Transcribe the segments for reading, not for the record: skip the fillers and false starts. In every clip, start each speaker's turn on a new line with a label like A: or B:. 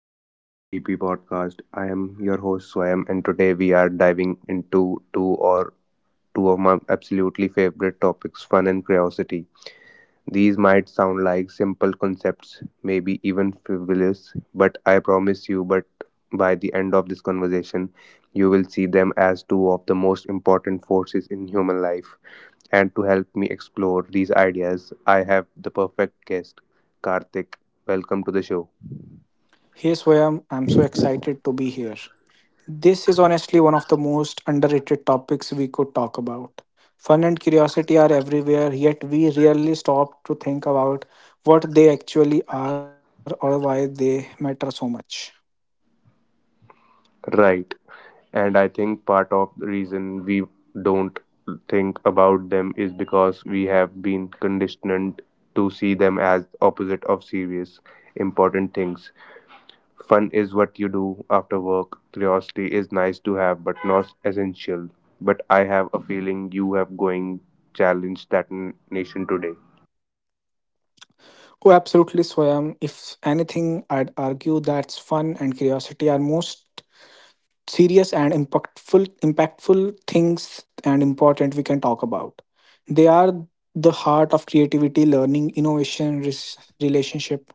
A: And welcome to the TP podcast. I am your host Swam, and today we are diving into two of my absolutely favorite topics, fun and curiosity. These might sound like simple concepts, maybe even frivolous, but I promise you but by the end of this conversation you will see them as two of the most important forces in human life. And to help me explore these ideas, I have the perfect guest, Karthik. Welcome to the show.
B: Hey Swayam, I'm so excited to be here. This is honestly one of the most underrated topics we could talk about. Fun and curiosity are everywhere, yet we rarely stop to think about what they actually are or why they matter so much.
A: Right. And I think part of the reason we don't think about them is because we have been conditioned to see them as opposite of serious, important things. Fun is what you do after work. Curiosity is nice to have, but not essential. But I have a feeling you have going challenge that nation today.
B: Oh, absolutely, Swayam. If anything, I'd argue that fun and curiosity are most serious and impactful things and important we can talk about. They are the heart of creativity, learning, innovation, relationship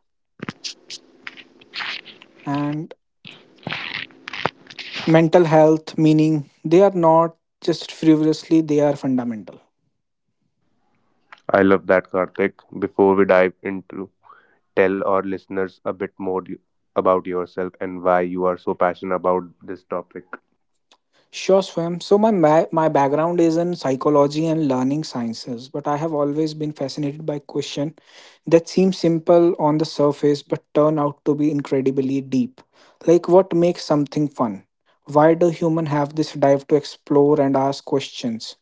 B: and mental health, meaning they are not just frivolously, they are fundamental.
A: I love that, Karthik. Before we dive into, tell our listeners a bit more about yourself and why you are so passionate about this topic.
B: Sure, Swam. So my background is in psychology and learning sciences, but I have always been fascinated by questions that seem simple on the surface but turn out to be incredibly deep. Like what makes something fun? Why do humans have this drive to explore and ask questions?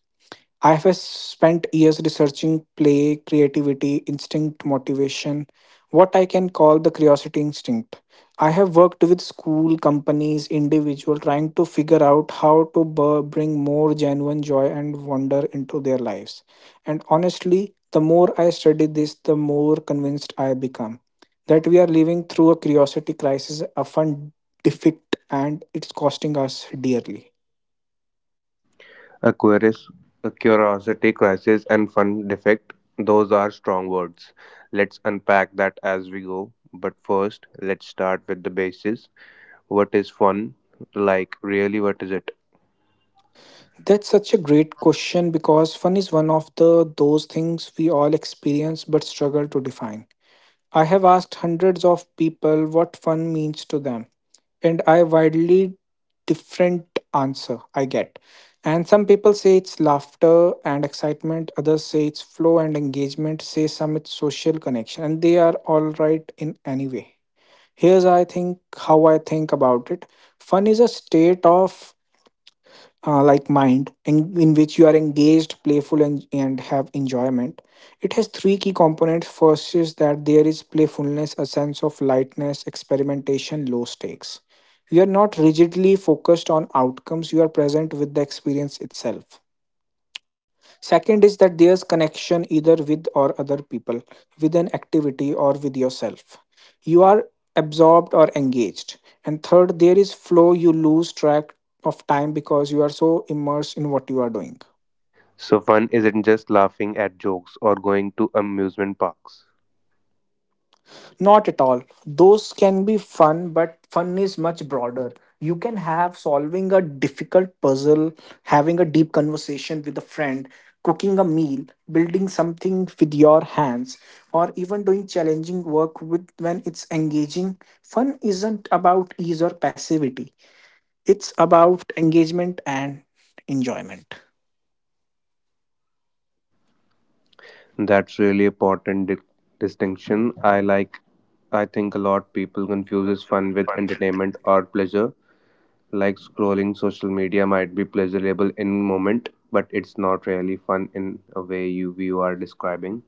B: I have spent years researching play, creativity, instinct, motivation, what I can call the curiosity instinct. I have worked with school, companies, individual trying to figure out how to bring more genuine joy and wonder into their lives. And honestly, the more I study this, the more convinced I become that we are living through a curiosity crisis, often difficult, and it's costing us dearly.
A: Aquarius, a curiosity, crisis, and fun defect. Those are strong words. Let's unpack that as we go. But first, let's start with the basis. What is fun? Like, really, what is it?
B: That's such a great question because fun is one of the those things we all experience but struggle to define. I have asked hundreds of people what fun means to them, and I widely different answer I get. And some people say it's laughter and excitement, others say it's flow and engagement, say some it's social connection, and they are all right in any way. Here's I think how I think about it. Fun is a state of like mind in which you are engaged, playful, and have enjoyment. It has three key components. First is that there is playfulness, a sense of lightness, experimentation, low stakes. You are not rigidly focused on outcomes. You are present with the experience itself. Second is that there's connection either with or other people, with an activity or with yourself. You are absorbed or engaged. And third, there is flow, you lose track of time because you are so immersed in what you are doing.
A: So, fun isn't just laughing at jokes or going to amusement parks.
B: Not at all. Those can be fun, but fun is much broader. You can have solving a difficult puzzle, having a deep conversation with a friend, cooking a meal, building something with your hands, or even doing challenging work with when it's engaging. Fun isn't about ease or passivity. It's about engagement and enjoyment.
A: That's really important distinction. I think a lot people confuses fun with entertainment or pleasure. Like scrolling social media might be pleasurable in moment, but it's not really fun in a way you are describing.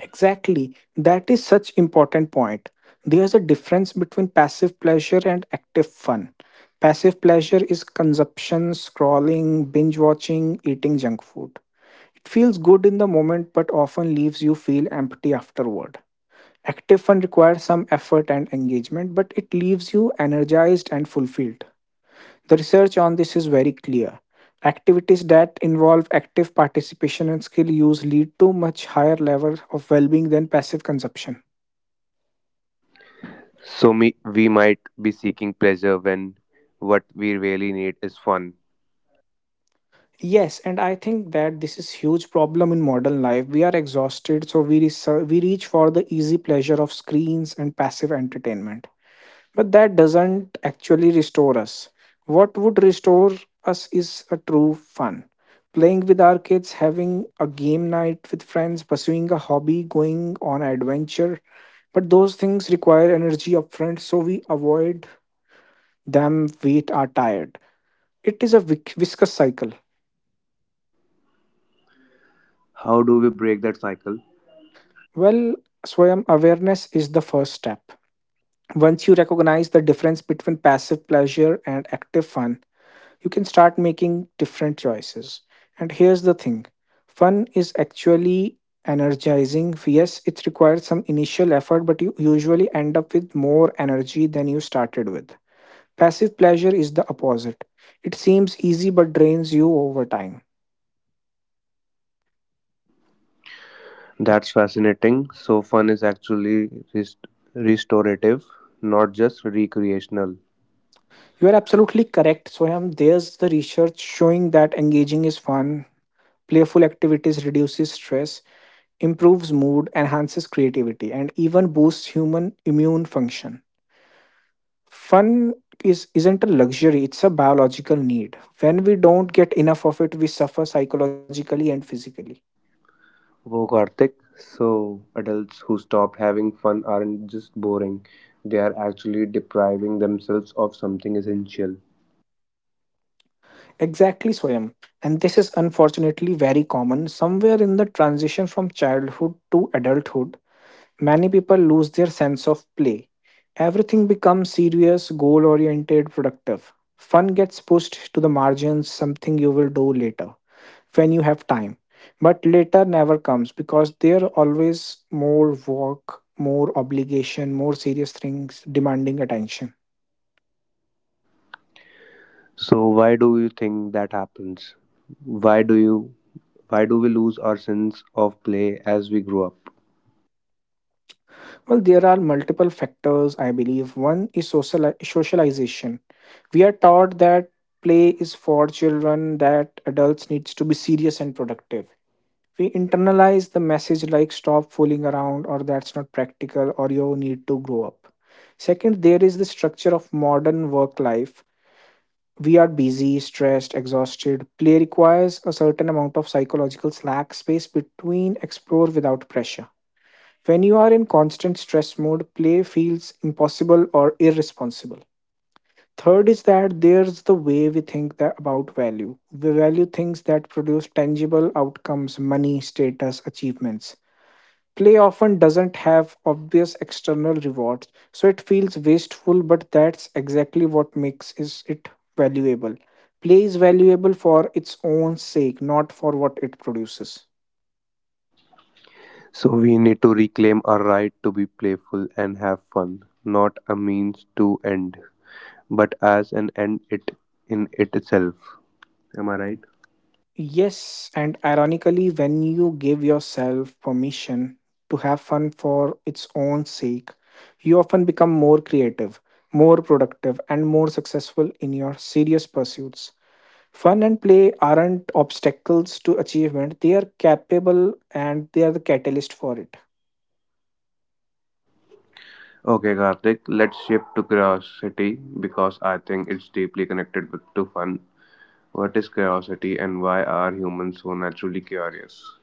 B: Exactly. That is such important point. There's a difference between passive pleasure and active fun. Passive pleasure is consumption, scrolling, binge watching, eating junk food. It feels good in the moment but often leaves you feel empty afterward. Active fun requires some effort and engagement, but it leaves you energized and fulfilled. The research on this is very clear. Activities that involve active participation and skill use lead to much higher level of well-being than passive consumption.
A: So me, we might be seeking pleasure when what we really need is fun.
B: Yes, and I think that this is huge problem in modern life. We are exhausted, so we reach for the easy pleasure of screens and passive entertainment. But that doesn't actually restore us. What would restore us is a true fun. Playing with our kids, having a game night with friends, pursuing a hobby, going on an adventure. But those things require energy upfront, so we avoid them, wait, are tired. It is a viscous cycle.
A: How do we break that cycle?
B: Well, Swayam, awareness is the first step. Once you recognize the difference between passive pleasure and active fun, you can start making different choices. And here's the thing, fun is actually energizing. Yes, it requires some initial effort, but you usually end up with more energy than you started with. Passive pleasure is the opposite. It seems easy but drains you over time.
A: That's fascinating. So fun is actually rest- restorative, not just recreational.
B: You are absolutely correct, Soham. There's the research showing that engaging is fun, playful activities reduces stress, improves mood, enhances creativity, and even boosts human immune function. Fun is isn't a luxury, it's a biological need. When we don't get enough of it, we suffer psychologically and physically.
A: Whoa, Karthik. So, adults who stop having fun aren't just boring, they are actually depriving themselves of something essential.
B: Exactly, Swayam. And this is unfortunately very common. Somewhere in the transition from childhood to adulthood, many people lose their sense of play. Everything becomes serious, goal oriented, productive. Fun gets pushed to the margins, something you will do later when you have time. But later never comes because there are always more work, more obligation, more serious things demanding attention.
A: So, why do you think that happens? Why do you why do we lose our sense of play as we grow up?
B: Well, there are multiple factors, I believe. One is socialization. We are taught that play is for children, that adults needs to be serious and productive. We internalize the message like stop fooling around, or that's not practical, or you need to grow up. Second, there is the structure of modern work life. We are busy, stressed, exhausted. Play requires a certain amount of psychological slack space between explore without pressure. When you are in constant stress mode, play feels impossible or irresponsible. Third is that there's the way we think that about value. We value things that produce tangible outcomes, money, status, achievements. Play often doesn't have obvious external rewards, so it feels wasteful, but that's exactly what makes is it valuable. Play is valuable for its own sake, not for what it produces.
A: So, we need to reclaim our right to be playful and have fun, not a means to end, but as an end it in it itself. Am I right?
B: Yes, and ironically, when you give yourself permission to have fun for its own sake, you often become more creative, more productive, and more successful in your serious pursuits. Fun and play aren't obstacles to achievement, they are capable and they are the catalyst for it.
A: Okay, Karthik, let's shift to curiosity because I think it's deeply connected to fun. What is curiosity and why are humans so naturally curious?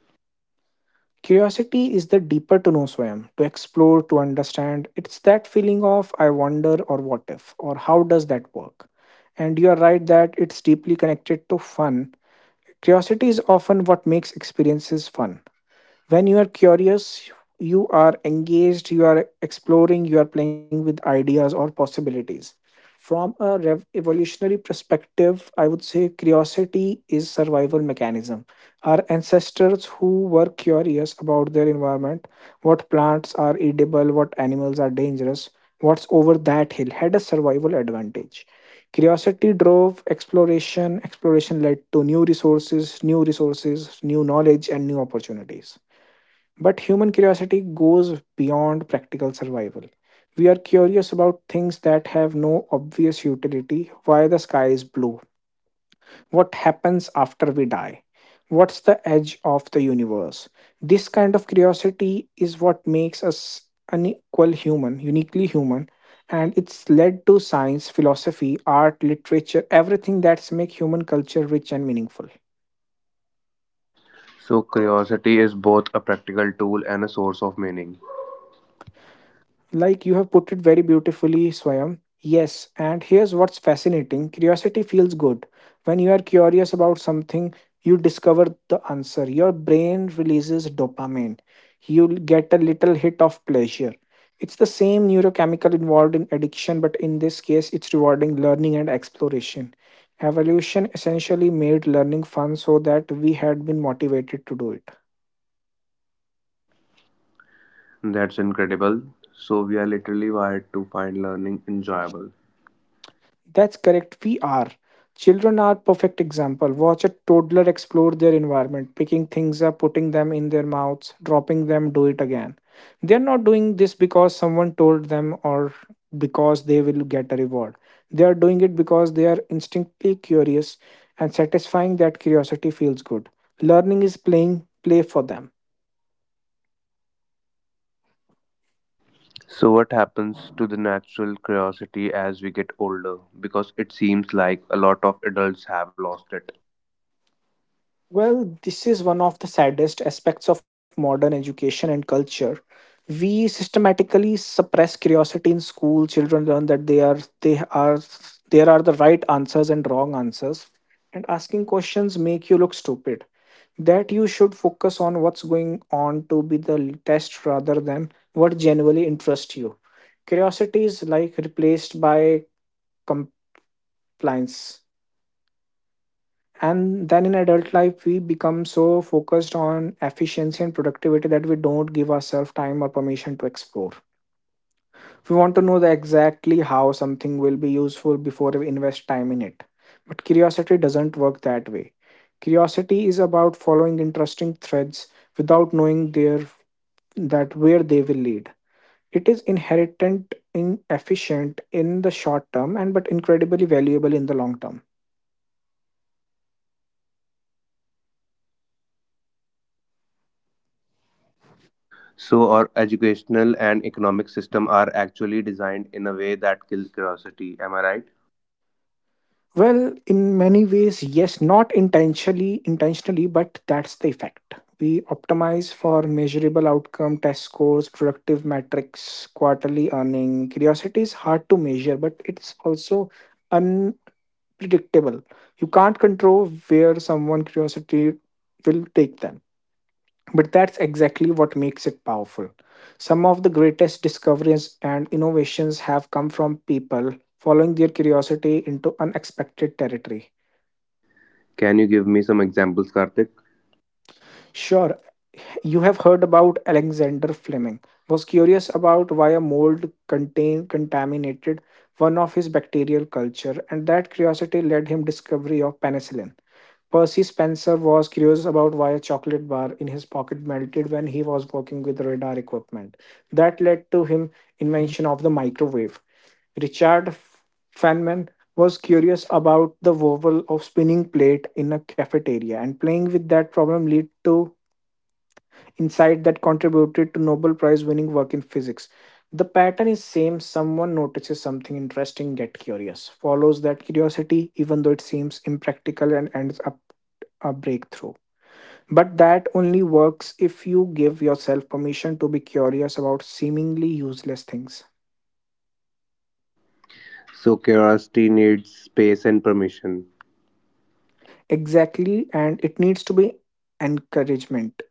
B: Curiosity is the deeper to know swim, to explore, to understand. It's that feeling of I wonder, or what if, or how does that work. And you are right that it's deeply connected to fun. Curiosity is often what makes experiences fun. When you are curious, you are engaged, you are exploring, you are playing with ideas or possibilities. From a evolutionary perspective, I would say curiosity is survival mechanism. Our ancestors who were curious about their environment, what plants are edible, what animals are dangerous, what's over that hill, had a survival advantage. Curiosity drove exploration, exploration led to new resources, new resources, new knowledge, and new opportunities. But human curiosity goes beyond practical survival. We are curious about things that have no obvious utility, why the sky is blue, what happens after we die, what's the edge of the universe. This kind of curiosity is what makes us uniquely human, and it's led to science, philosophy, art, literature, everything that's make human culture rich and meaningful.
A: So, curiosity is both a practical tool and a source of meaning.
B: Like you have put it very beautifully, Swayam. Yes, and here's what's fascinating, curiosity feels good. When you are curious about something, you discover the answer. Your brain releases dopamine. You get a little hit of pleasure. It's the same neurochemical involved in addiction, but in this case, it's rewarding learning and exploration. Evolution essentially made learning fun so that we had been motivated to do it.
A: That's incredible. So, we are literally wired to find learning enjoyable.
B: That's correct. We are. Children are perfect example. Watch a toddler explore their environment, picking things up, putting them in their mouths, dropping them, do it again. They're not doing this because someone told them or because they will get a reward. They are doing it because they are instinctively curious and satisfying that curiosity feels good. Learning is playing play for them.
A: So, what happens to the natural curiosity as we get older? Because it seems like a lot of adults have lost it.
B: Well, this is one of the saddest aspects of modern education and culture. We systematically suppress curiosity in school. Children learn that they are there are the right answers and wrong answers, and asking questions make you look stupid. That you should focus on what's going on to be the test rather than what genuinely interests you. Curiosity is like replaced by compliance. And then in adult life we become so focused on efficiency and productivity that we don't give ourselves time or permission to explore. We want to know the exactly how something will be useful before we invest time in it, but curiosity doesn't work that way. Curiosity is about following interesting threads without knowing their that where they will lead. It is inherent inefficient in the short term and but incredibly valuable in the long term.
A: So our educational and economic system are actually designed in a way that kills curiosity. Am I right?
B: Well, in many ways, yes, not intentionally, but that's the effect. We optimize for measurable outcome, test scores, productive metrics, quarterly earning. Curiosity is hard to measure, but it's also unpredictable. You can't control where someone' curiosity will take them. But that's exactly what makes it powerful. Some of the greatest discoveries and innovations have come from people following their curiosity into unexpected territory.
A: Can you give me some examples, Karthik?
B: Sure, you have heard about Alexander Fleming. Was curious about why a mold contain contaminated one of his bacterial culture, and that curiosity led him discovery of penicillin. Percy Spencer was curious about why a chocolate bar in his pocket melted when he was working with radar equipment. That led to him invention of the microwave. Richard Feynman was curious about the wobble of spinning plate in a cafeteria, and playing with that problem lead to insight that contributed to Nobel Prize winning work in physics. The pattern is same: someone notices something interesting, get curious, follows that curiosity even though it seems impractical, and ends up a breakthrough. But that only works if you give yourself permission to be curious about seemingly useless things.
A: So curiosity needs space and permission.
B: Exactly, and it needs to be encouragement.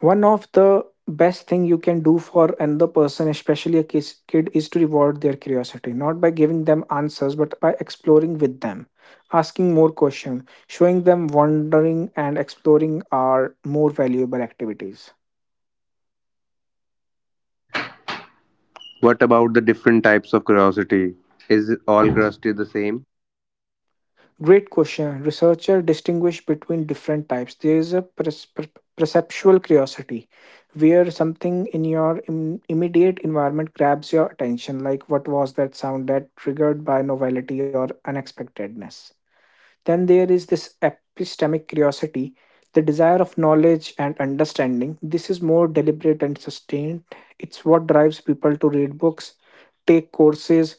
B: One of the best thing you can do for another person, especially a kid, is to reward their curiosity, not by giving them answers but by exploring with them, asking more questions, showing them wandering and exploring are more valuable activities.
A: What about the different types of curiosity? Is all curiosity the same?
B: Great question. Researchers distinguish between different types. There is a perceptual curiosity, where something in your immediate environment grabs your attention, like what was that sound, that triggered by novelty or unexpectedness. Then there is this epistemic curiosity, the desire of knowledge and understanding. This is more deliberate and sustained. It's what drives people to read books, take courses,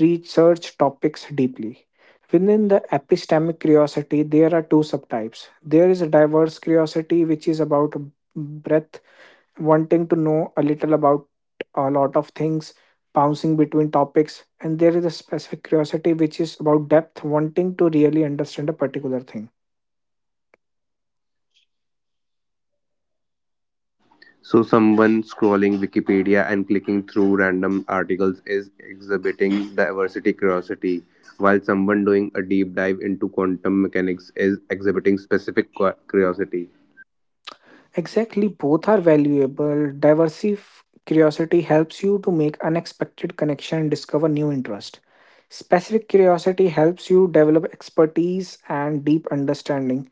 B: research topics deeply. Within the epistemic curiosity, there are two subtypes. There is a diverse curiosity, which is about breadth, wanting to know a little about a lot of things, bouncing between topics, and there is a specific curiosity, which is about depth, wanting to really understand a particular thing.
A: So someone scrolling Wikipedia and clicking through random articles is exhibiting diversity curiosity, while someone doing a deep dive into quantum mechanics is exhibiting specific curiosity.
B: Exactly, both are valuable. Diversive curiosity helps you to make unexpected connection and discover new interest. Specific curiosity helps you develop expertise and deep understanding.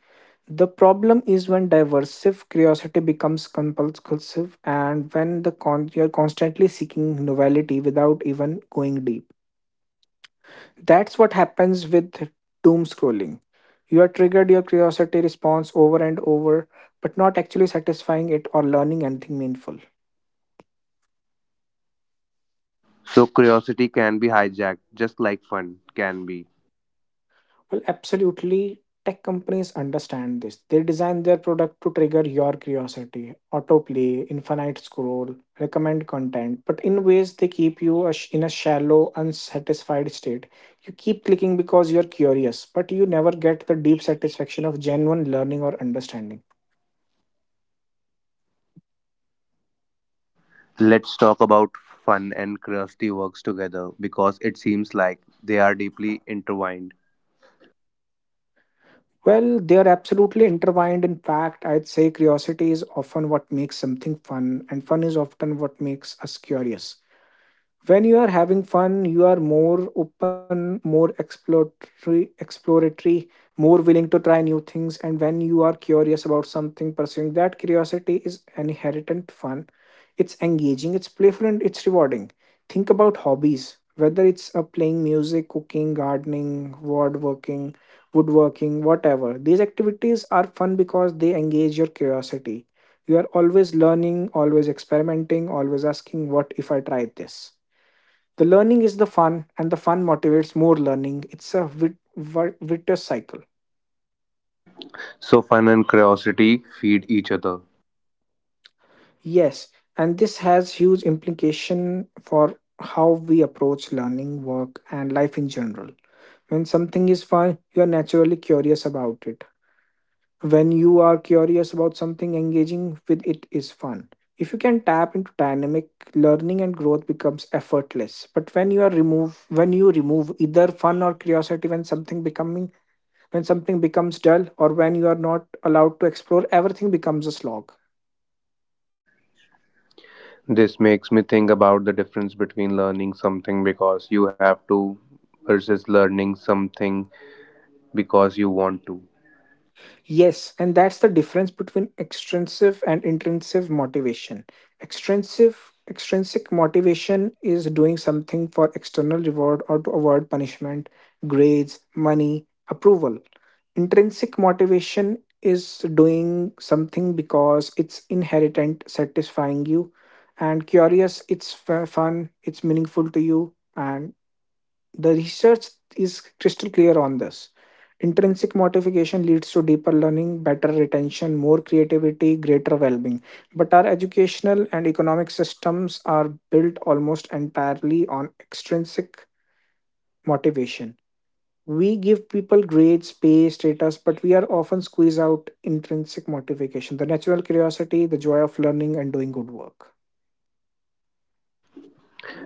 B: The problem is when diversive curiosity becomes compulsive, and when you're constantly seeking novelty without even going deep. That's what happens with doom scrolling. You are triggered your curiosity response over and over, but not actually satisfying it or learning anything meaningful.
A: So curiosity can be hijacked, just like fun can be.
B: Well, absolutely, tech companies understand this. They design their product to trigger your curiosity: autoplay, infinite scroll, recommend content, but in ways they keep you in a shallow, unsatisfied state. You keep clicking because you're curious, but you never get the deep satisfaction of genuine learning or understanding.
A: Let's talk about fun and curiosity works together because it seems like they are deeply intertwined.
B: Well, they are absolutely intertwined. In fact, I'd say curiosity is often what makes something fun, and fun is often what makes us curious. When you are having fun, you are more open, more exploratory exploratory, more willing to try new things. And when you are curious about something, pursuing that curiosity is inherent fun. It's engaging, it's playful, and it's rewarding. Think about hobbies, whether it's playing music, cooking, gardening, woodworking, whatever. These activities are fun because they engage your curiosity. You are always learning, always experimenting, always asking what if I try this. The learning is the fun, and the fun motivates more learning. It's a virtuous cycle.
A: So fun and curiosity feed each other.
B: Yes, and this has huge implication for how we approach learning, work, and life in general. When something is fun, you are naturally curious about it. When you are curious about something, engaging with it is fun. If you can tap into dynamic, learning and growth becomes effortless. But when you remove either fun or curiosity, when something becomes dull, or when you are not allowed to explore, everything becomes a slog.
A: This makes me think about the difference between learning something because you have to versus learning something because you want to.
B: Yes, and that's the difference between extrinsic and intrinsic motivation. Extrinsic extrinsic motivation is doing something for external reward or to avoid punishment: grades, money, approval. Intrinsic motivation is doing something because it's inherent, satisfying you, and curious, it's fun, it's meaningful to you, and the research is crystal clear on this. Intrinsic motivation leads to deeper learning, better retention, more creativity, greater well being. But our educational and economic systems are built almost entirely on extrinsic motivation. We give people grades, pay, status, but we are often squeeze out intrinsic motivation, the natural curiosity, the joy of learning and doing good work.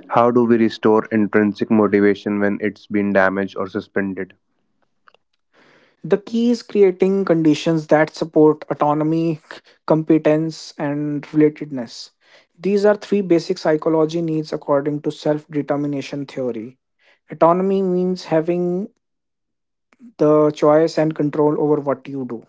A: How do we restore intrinsic motivation when it's been damaged or suspended?
B: The key is creating conditions that support autonomy, competence, and relatedness. These are three basic psychology needs according to self determination theory. Autonomy means having the choice and control over what you do.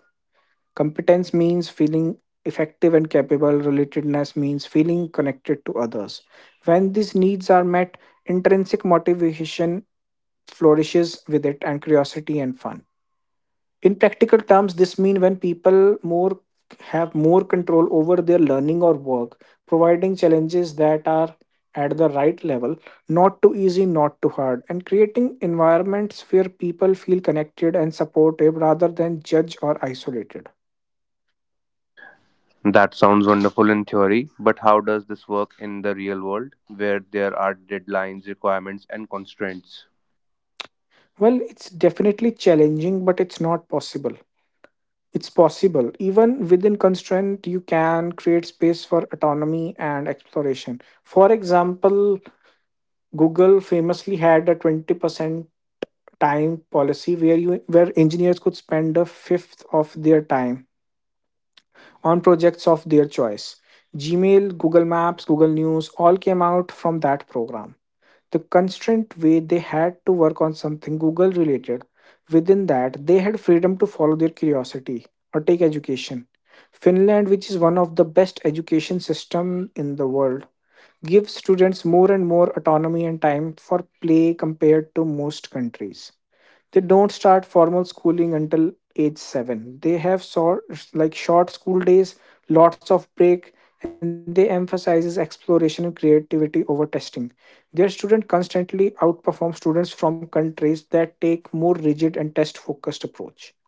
B: Competence means feeling effective and capable. Relatedness means feeling connected to others. When these needs are met, intrinsic motivation flourishes with it, and curiosity and fun. In practical terms, this means when people more have more control over their learning or work, providing challenges that are at the right level, not too easy, not too hard, and creating environments where people feel connected and supportive rather than judged or isolated.
A: That sounds wonderful in theory, but how does this work in the real world where there are deadlines, requirements, and constraints?
B: Well, it's definitely challenging, but it's not possible, it's possible even within constraint. You can create space for autonomy and exploration. For example, Google famously had a 20% time policy, where engineers could spend a fifth of their time on projects of their choice. Gmail, Google Maps, Google News all came out from that program. The constraint way, they had to work on something Google related. Within that, they had freedom to follow their curiosity or take education. Finland, which is one of the best education system in the world, gives students more and more autonomy and time for play compared to most countries. They don't start formal schooling until age 7. They have sort like short school days, lots of break, and they emphasizes exploration and creativity over testing. Their student constantly outperform students from countries that take more rigid and test-focused approach.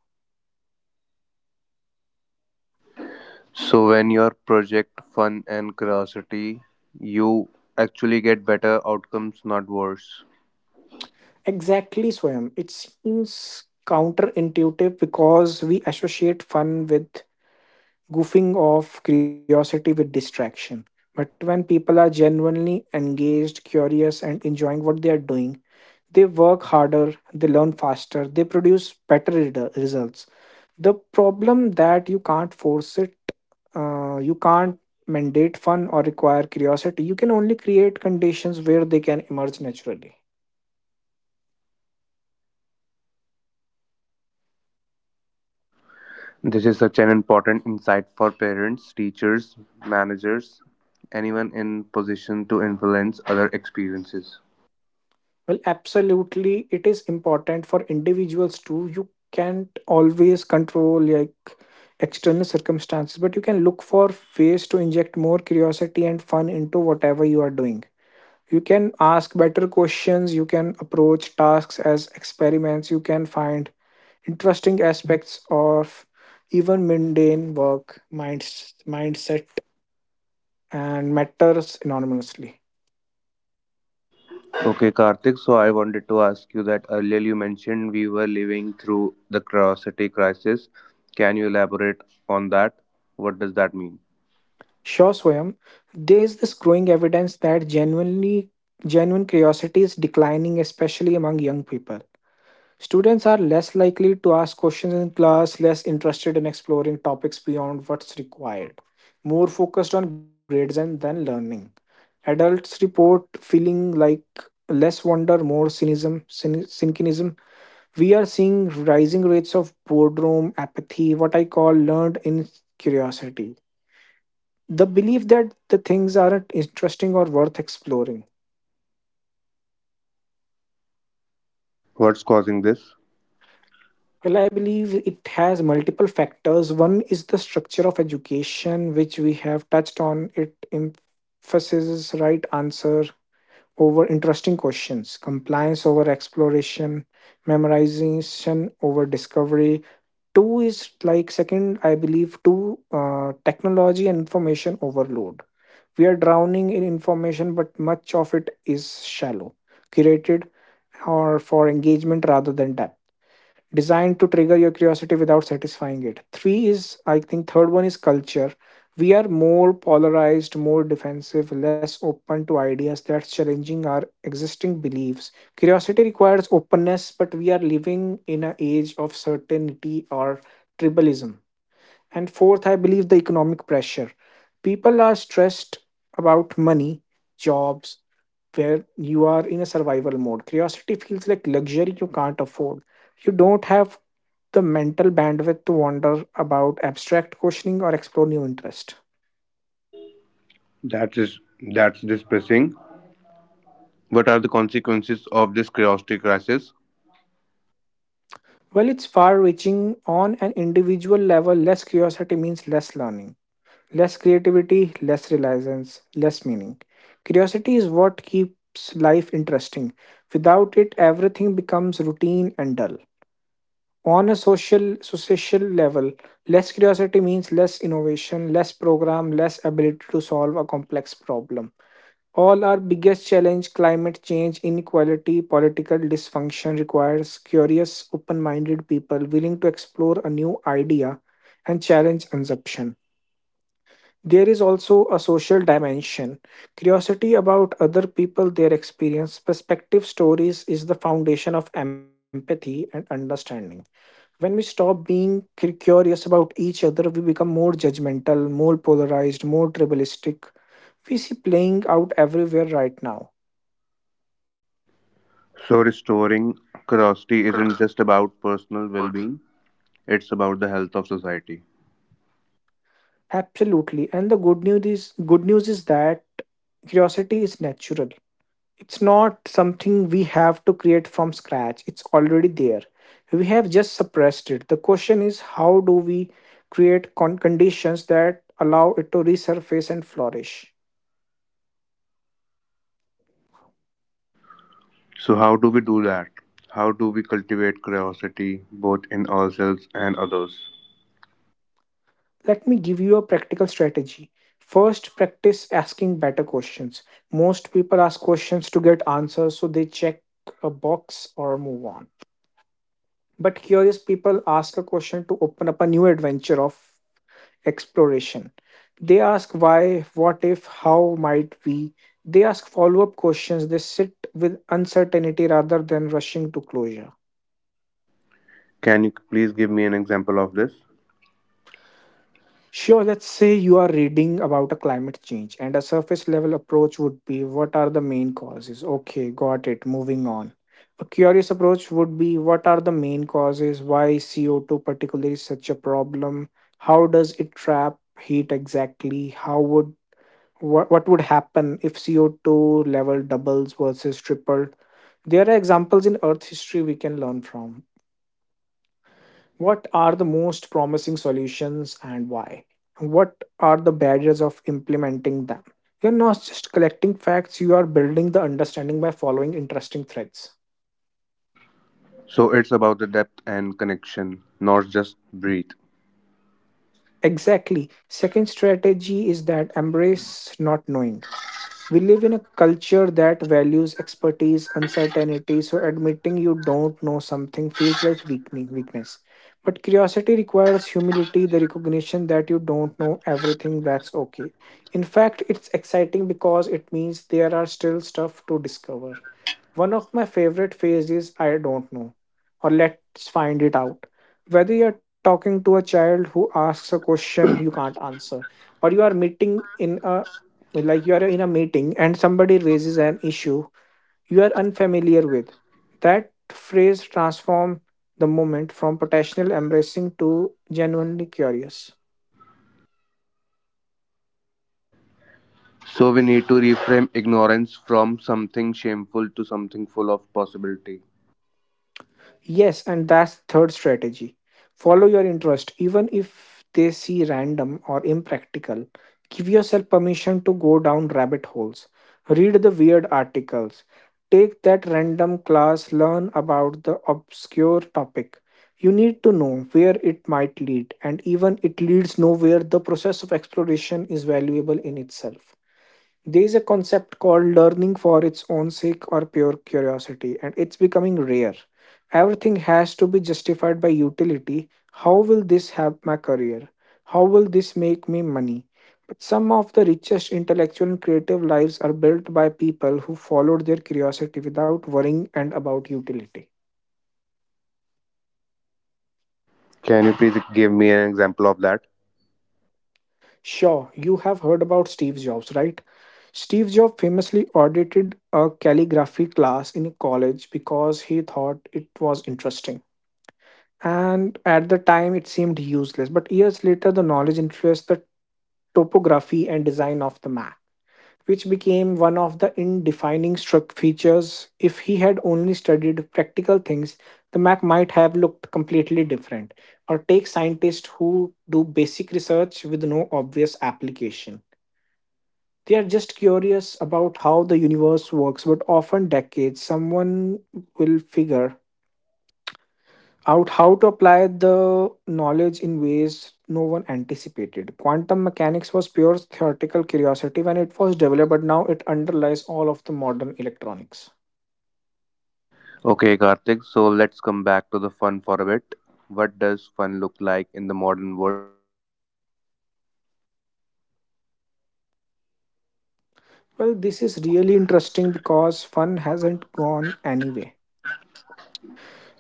A: So, when your project fun and curiosity, you actually get better outcomes, not worse.
B: Exactly, Swayam. It seems counterintuitive because we associate fun with goofing off, curiosity with distraction. But when people are genuinely engaged, curious, and enjoying what they are doing, they work harder, they learn faster, they produce better results. The problem that you can't force it, you can't mandate fun or require curiosity. You can only create conditions where they can emerge naturally.
A: This is such an important insight for parents, teachers, managers, anyone in position to influence other experiences.
B: Well, absolutely. It is important for individuals too. You can't always control like external circumstances, but you can look for ways to inject more curiosity and fun into whatever you are doing. You can ask better questions, you can approach tasks as experiments, you can find interesting aspects of even mundane work, mindset, and matters anonymously.
A: Okay, Karthik, so I wanted to ask you that earlier you mentioned we were living through the curiosity crisis. Can you elaborate on that? What does that mean?
B: Sure, Swayam. There is this growing evidence that genuine curiosity is declining, especially among young people. Students are less likely to ask questions in class, less interested in exploring topics beyond what's required, more focused on grades and then learning. Adults report feeling like less wonder, more cynicism. We are seeing rising rates of boredom, apathy, what I call learned in curiosity, the belief that the things aren't interesting or worth exploring.
A: What's causing this?
B: Well, I believe it has multiple factors. One is the structure of education, which we have touched on. It emphasizes right answer over interesting questions, compliance over exploration, memorization over discovery. Two is like second, I believe, two technology and information overload. We are drowning in information, but much of it is shallow, curated, or for engagement rather than depth, designed to trigger your curiosity without satisfying it. Three is, I think, third one is culture. We are more polarized, more defensive, less open to ideas that's challenging our existing beliefs. Curiosity requires openness, but we are living in an age of certainty or tribalism. And fourth, I believe the economic pressure. People are stressed about money, jobs, where you are in a survival mode. Curiosity feels like luxury you can't afford. You don't have the mental bandwidth to wonder about abstract questioning or explore new interest.
A: That is that's depressing. What are the consequences of this curiosity crisis?
B: Well, it's far reaching on an individual level. Less curiosity means less learning, less creativity, less reliance, less meaning. Curiosity is what keeps life interesting. Without it, everything becomes routine and dull. On a social social level, less curiosity means less innovation, less program, less ability to solve a complex problem. All our biggest challenge, climate change, inequality, political dysfunction, requires curious, open minded people willing to explore a new idea and challenge assumption. There is also a social dimension. Curiosity about other people, their experience, perspective, stories is the foundation of empathy and understanding. When we stop being curious about each other, we become more judgmental, more polarized, more tribalistic. We see playing out everywhere right now.
A: So restoring curiosity isn't just about personal well-being, it's about the health of society.
B: Absolutely. And the good news is that curiosity is natural. It's not something we have to create from scratch. It's already there, we have just suppressed it. The question is, how do we create conditions that allow it to resurface and flourish?
A: So how do we do that? How do we cultivate curiosity both in ourselves and others?
B: Let me give you a practical strategy. First, practice asking better questions. Most people ask questions to get answers so they check a box or move on, but curious people ask a question to open up a new adventure of exploration. They ask why, what if, how might we. They ask follow up questions. They sit with uncertainty rather than rushing to closure.
A: Can you please give me an example of this?
B: Sure, let's say you are reading about a climate change, and a surface level approach would be, what are the main causes? Okay, got it, moving on. A curious approach would be, what are the main causes? Why CO2 particularly is such a problem? How does it trap heat exactly? How would what would happen if CO2 level doubles versus tripled? There are examples in Earth history we can learn from. What are the most promising solutions and why? What are the barriers of implementing them? You're not just collecting facts, you are building the understanding by following interesting threads.
A: So it's about the depth and connection, not just breadth.
B: Exactly. Second strategy is that embrace not knowing. We live in a culture that values expertise, uncertainty, so admitting you don't know something feels like weakening weakness. But curiosity requires humility, the recognition that you don't know everything, that's okay. In fact, it's exciting because it means there are still stuff to discover. One of my favorite phrases is I don't know, or let's find it out. Whether you're talking to a child who asks a question you can't answer, or you are in a meeting and somebody raises an issue you are unfamiliar with, that phrase transforms the moment from potential embarrassing to genuinely curious.
A: So we need to reframe ignorance from something shameful to something full of possibility.
B: Yes, and that's third strategy. Follow your interest, even if they see random or impractical. Give yourself permission to go down rabbit holes. Read the weird articles. Take that random class, learn about the obscure topic. You need to know where it might lead, and even it leads nowhere, the process of exploration is valuable in itself. There is a concept called learning for its own sake or pure curiosity, and it's becoming rare. Everything has to be justified by utility. How will this help my career? How will this make me money? But some of the richest intellectual and creative lives are built by people who followed their curiosity without worrying and about utility.
A: Can you please give me an example of that?
B: Sure, you have heard about Steve Jobs, right? Steve Jobs famously audited a calligraphy class in college because he thought it was interesting. And at the time it seemed useless. But years later, the knowledge influenced the topography and design of the map, which became one of the in-defining struck features. If he had only studied practical things, the map might have looked completely different. Or take scientists who do basic research with no obvious application. They are just curious about how the universe works, but often decades someone will figure out how to apply the knowledge in ways no one anticipated. Quantum mechanics was pure theoretical curiosity when it was developed, but now it underlies all of the modern electronics.
A: Okay, Karthik, so let's come back to the fun for a bit. What does fun look like in the modern world?
B: Well, this is really interesting because fun hasn't gone anywhere.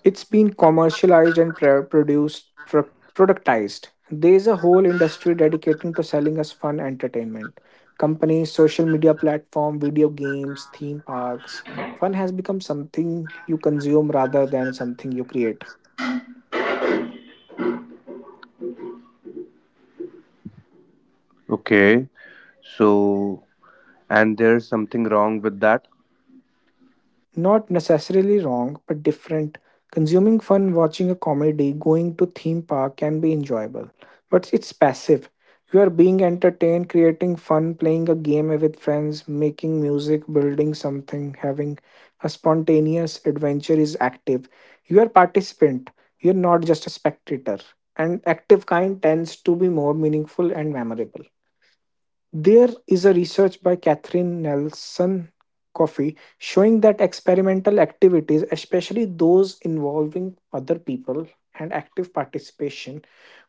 B: It's been commercialized and produced, productized. There's a whole industry dedicating to selling us fun entertainment. Companies, social media platform, video games, theme parks. Fun has become something you consume rather than something you create.
A: Okay. So, and there's something wrong with that.
B: Not necessarily wrong, but different. Consuming fun, watching a comedy, going to theme park can be enjoyable, but it's passive. You are being entertained. Creating fun, playing a game with friends, making music, building something, having a spontaneous adventure is active. You are participant, you're not just a spectator, and active kind tends to be more meaningful and memorable. There is a research by Catherine Nelson Coffey showing that experimental activities, especially those involving other people and active participation,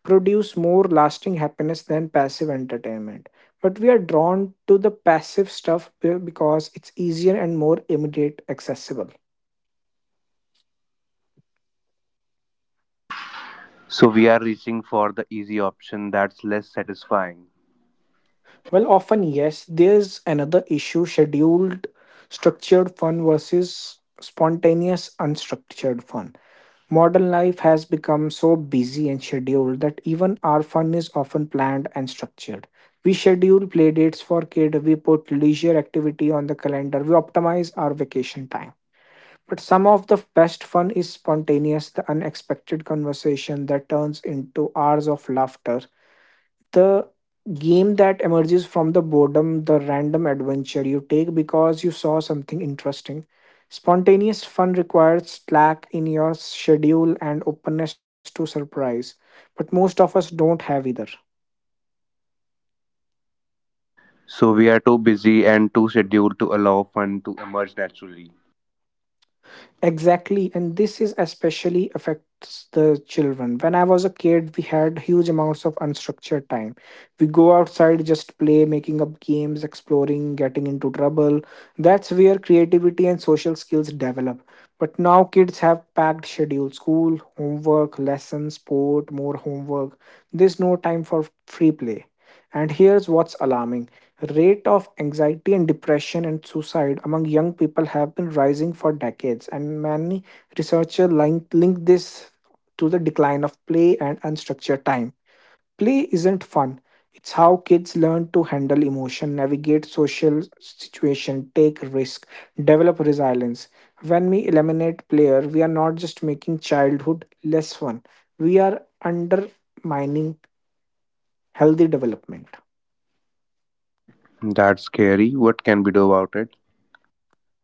B: produce more lasting happiness than passive entertainment. But we are drawn to the passive stuff because it's easier and more immediate accessible.
A: So, we are reaching for the easy option that's less satisfying.
B: Well, often, yes. There's another issue, scheduled structured fun versus spontaneous unstructured fun. Modern life has become so busy and scheduled that even our fun is often planned and structured. We schedule play dates for kids, we put leisure activity on the calendar, we optimize our vacation time. But some of the best fun is spontaneous, the unexpected conversation that turns into hours of laughter, the game that emerges from the boredom, the random adventure you take because you saw something interesting. Spontaneous fun requires slack in your schedule and openness to surprise, but most of us don't have either.
A: So, we are too busy and too scheduled to allow fun to emerge naturally.
B: Exactly, and this is especially affects the children. When I was a kid, we had huge amounts of unstructured time. We go outside, just play, making up games, exploring, getting into trouble. That's where creativity and social skills develop. But now kids have packed schedule, school, homework, lessons, sport, more homework. There's no time for free play. And here's what's alarming. Rate of anxiety and depression and suicide among young people have been rising for decades, and many researchers link this to the decline of play and unstructured time. Play isn't fun. It's how kids learn to handle emotion, navigate social situation, take risk, develop resilience. When we eliminate player, we are not just making childhood less fun. We are undermining healthy development.
A: That's scary. What can we do about it?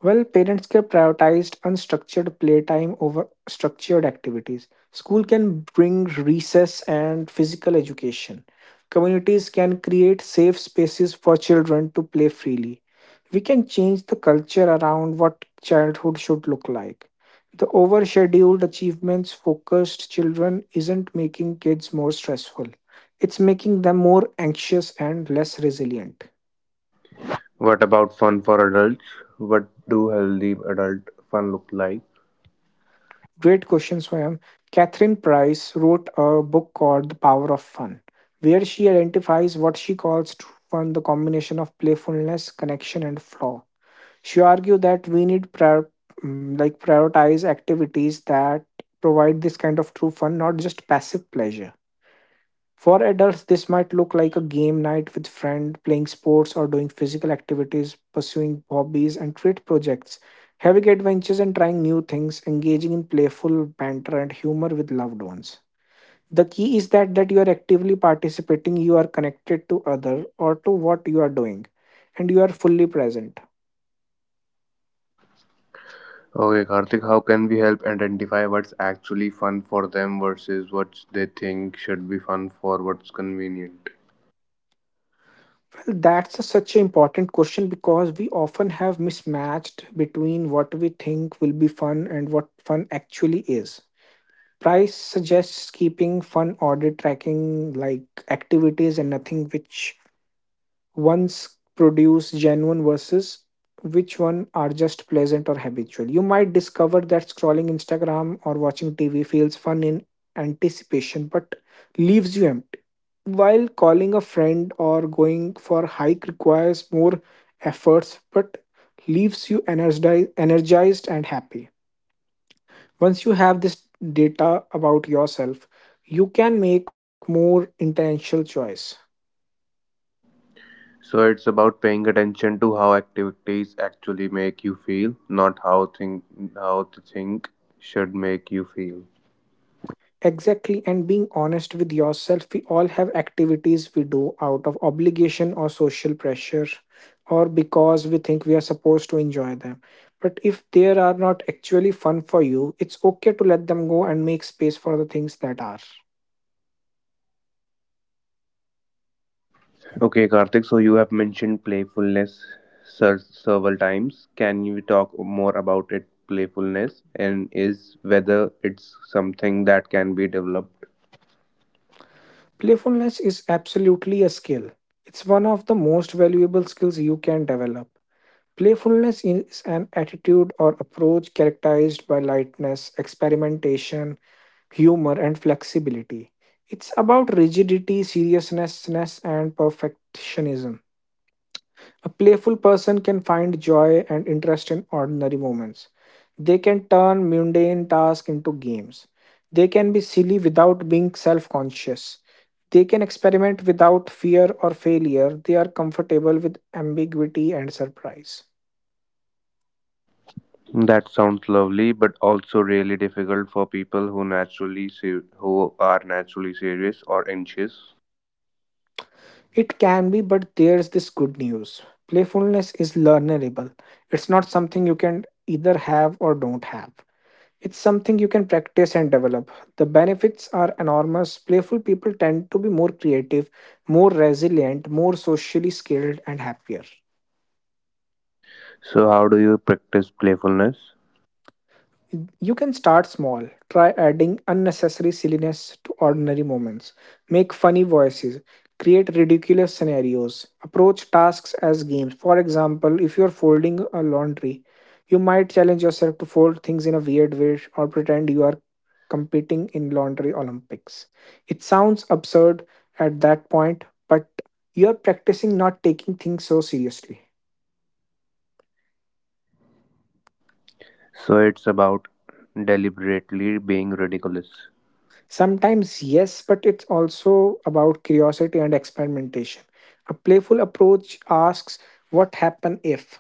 B: Well, parents can prioritize unstructured playtime over structured activities. School can bring recess and physical education. Communities can create safe spaces for children to play freely. We can change the culture around what childhood should look like. The overscheduled achievements focused children isn't making kids more stressful. It's making them more anxious and less resilient.
A: What about fun for adults? What do healthy adult fun look like?
B: Great question, Swayam. Catherine Price wrote a book called The Power of Fun, where she identifies what she calls true fun, the combination of playfulness, connection, and flaw. She argued that we need prioritize activities that provide this kind of true fun, not just passive pleasure. For adults, this might look like a game night with friends, playing sports or doing physical activities, pursuing hobbies and creative projects, having adventures and trying new things, engaging in playful banter and humor with loved ones. The key is that you are actively participating, you are connected to other or to what you are doing, and you are fully present.
A: Okay, Karthik, how can we help identify what's actually fun for them versus what they think should be fun for what's convenient?
B: Well, that's such an important question because we often have mismatched between what we think will be fun and what fun actually is. Price suggests keeping fun order tracking like activities and nothing which once produce genuine versus which one are just pleasant or habitual. You might discover that scrolling Instagram or watching TV feels fun in anticipation but leaves you empty. While calling a friend or going for a hike requires more efforts but leaves you energized and happy. Once you have this data about yourself, you can make more intentional choice.
A: So it's about paying attention to how activities actually make you feel, not how think how to think should make you feel.
B: Exactly, and being honest with yourself, we all have activities we do out of obligation or social pressure or because we think we are supposed to enjoy them. But if they are not actually fun for you, it's okay to let them go and make space for the things that are.
A: Okay, Karthik, so you have mentioned playfulness several times. Can you talk more about it, playfulness, and is whether it's something that can be developed?
B: Playfulness is absolutely a skill. It's one of the most valuable skills you can develop. Playfulness is an attitude or approach characterized by lightness, experimentation, humor, and flexibility. It's about rigidity, seriousness, and perfectionism. A playful person can find joy and interest in ordinary moments. They can turn mundane tasks into games. They can be silly without being self conscious. They can experiment without fear or failure. They are comfortable with ambiguity and surprise.
A: That sounds lovely, but also really difficult for people who are naturally serious or anxious.
B: It can be, but there's this good news. Playfulness is learnable. It's not something you can either have or don't have. It's something you can practice and develop. The benefits are enormous. Playful people tend to be more creative, more resilient, more socially skilled, and happier.
A: So, how do you practice playfulness?
B: You can start small. Try adding unnecessary silliness to ordinary moments. Make funny voices. Create ridiculous scenarios. Approach tasks as games. For example, if you're folding a laundry, you might challenge yourself to fold things in a weird way or pretend you are competing in laundry Olympics. It sounds absurd at that point, but you're practicing not taking things so seriously.
A: So it's about deliberately being ridiculous.
B: Sometimes, yes, but it's also about curiosity and experimentation. A playful approach asks, what happen if,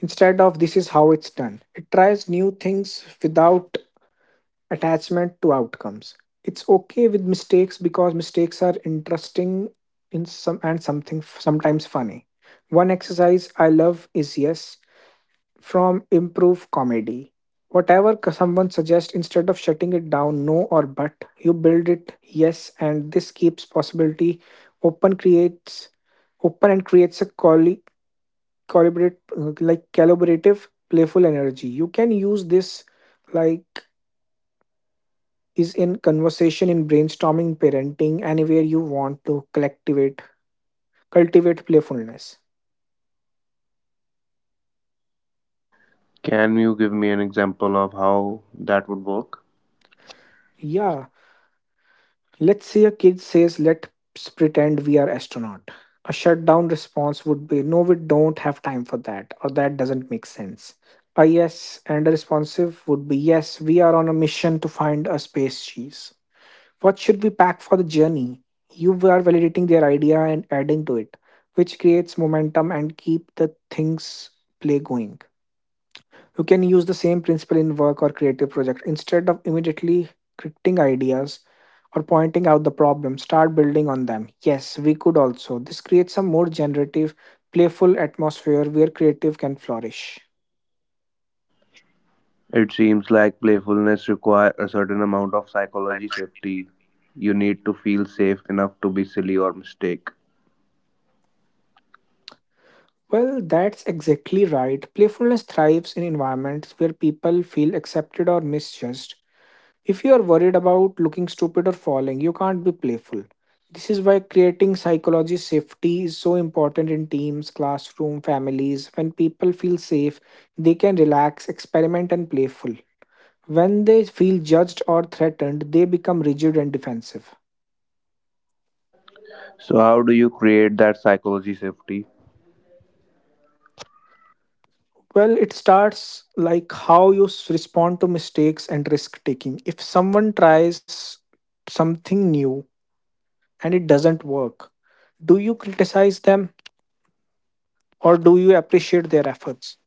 B: instead of this is how it's done. It tries new things without attachment to outcomes. It's okay with mistakes because mistakes are interesting in some and something sometimes funny. One exercise I love is yes, from improve comedy. Whatever someone suggests, instead of shutting it down, no or but, you build it yes, and this keeps possibility open creates open and creates a collaborate collaborative playful energy. You can use this like is in conversation in brainstorming parenting anywhere you want to collectivate cultivate playfulness.
A: Can you give me an example of how that would work?
B: Yeah. Let's say a kid says, let's pretend we are astronaut. A shutdown response would be, no, we don't have time for that, or that doesn't make sense. A yes and a responsive would be, yes, we are on a mission to find a space cheese. What should we pack for the journey? You are validating their idea and adding to it, which creates momentum and keep the things play going. You can use the same principle in work or creative project. Instead of immediately critiquing ideas or pointing out the problem, start building on them. Yes, we could also. This creates a more generative, playful atmosphere where creative can flourish.
A: It seems like playfulness requires a certain amount of psychology safety. You need to feel safe enough to be silly or mistake.
B: Well, that's exactly right. Playfulness thrives in environments where people feel accepted or misjudged. If you are worried about looking stupid or falling, you can't be playful. This is why creating psychology safety is so important in teams, classroom, families. When people feel safe, they can relax, experiment and playful. When they feel judged or threatened, they become rigid and defensive.
A: So how do you create that psychology safety?
B: Well, it starts like how you respond to mistakes and risk taking. If someone tries something new and it doesn't work, do you criticize them, or do you appreciate their efforts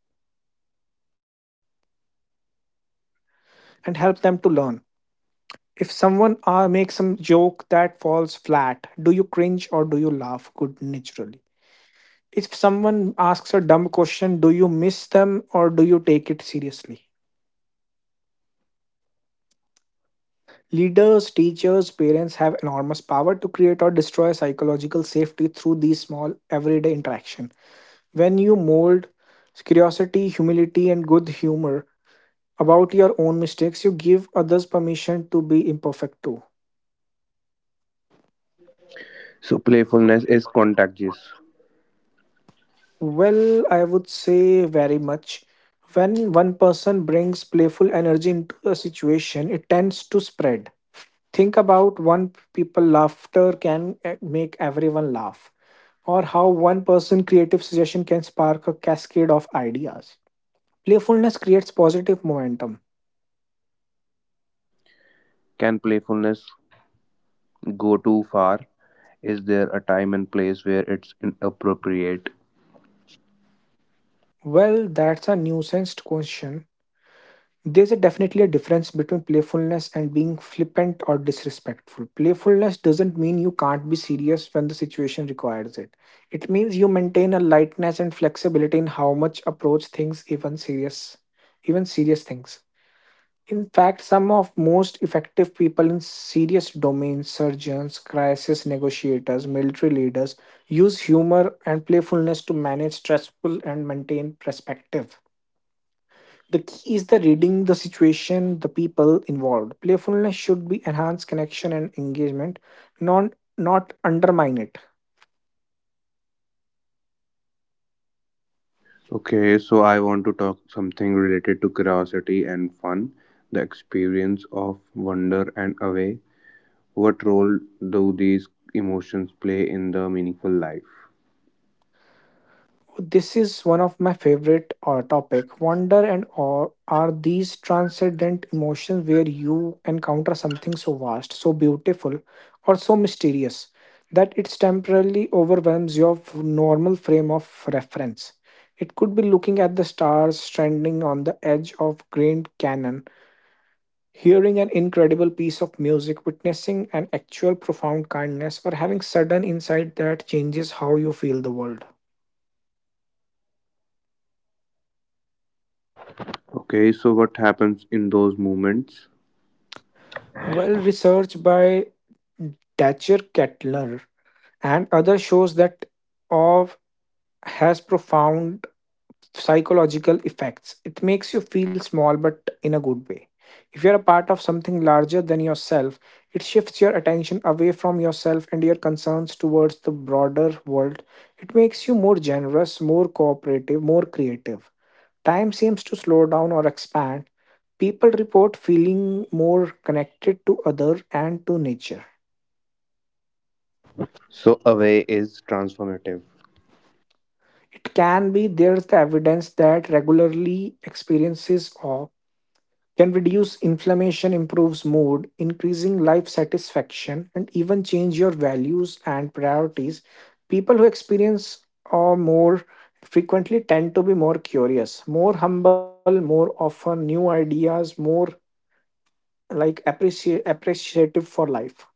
B: and help them to learn? If someone makes some joke that falls flat, do you cringe or do you laugh good naturally? If someone asks a dumb question, do you miss them or do you take it seriously? Leaders, teachers, parents have enormous power to create or destroy psychological safety through these small everyday interaction. When you mold curiosity, humility, and good humor about your own mistakes, you give others permission to be imperfect too.
A: So playfulness is contagious.
B: Well, I would say very much. When one person brings playful energy into a situation, it tends to spread. Think about one people laughter can make everyone laugh, or how one person creative suggestion can spark a cascade of ideas. Playfulness creates positive momentum.
A: Can playfulness go too far? Is there a time and place where it's inappropriate?
B: Well, that's a nuanced question. There's a definitely a difference between playfulness and being flippant or disrespectful. Playfulness doesn't mean you can't be serious when the situation requires it. It means you maintain a lightness and flexibility in how much approach things even serious things. In fact, some of most effective people in serious domains, surgeons, crisis negotiators, military leaders, use humor and playfulness to manage stressful and maintain perspective. The key is the reading the situation, the people involved. Playfulness should be enhance connection and engagement, not undermine it.
A: Okay, so I want to talk something related to curiosity and fun, the experience of wonder and away. What role do these emotions play in the meaningful life?
B: This is one of my favorite topic. Wonder and awe are these transcendent emotions where you encounter something so vast, so beautiful, or so mysterious that it temporarily overwhelms your normal frame of reference. It could be looking at the stars, standing on the edge of Grand Canyon, hearing an incredible piece of music, witnessing an actual profound kindness, or having sudden insight that changes how you feel the world.
A: Okay, so what happens in those moments?
B: Well, research by Dacher Kettler and others shows that awe has profound psychological effects. It makes you feel small, but in a good way. If you're a part of something larger than yourself, it shifts your attention away from yourself and your concerns towards the broader world. It makes you more generous, more cooperative, more creative. Time seems to slow down or expand. People report feeling more connected to other and to nature.
A: So away is transformative.
B: It can be there's the evidence that regularly experiences awe can reduce inflammation, improves mood, increasing life satisfaction, and even change your values and priorities. People who experience or more frequently tend to be more curious, more humble, more often new ideas, more like appreciative for life.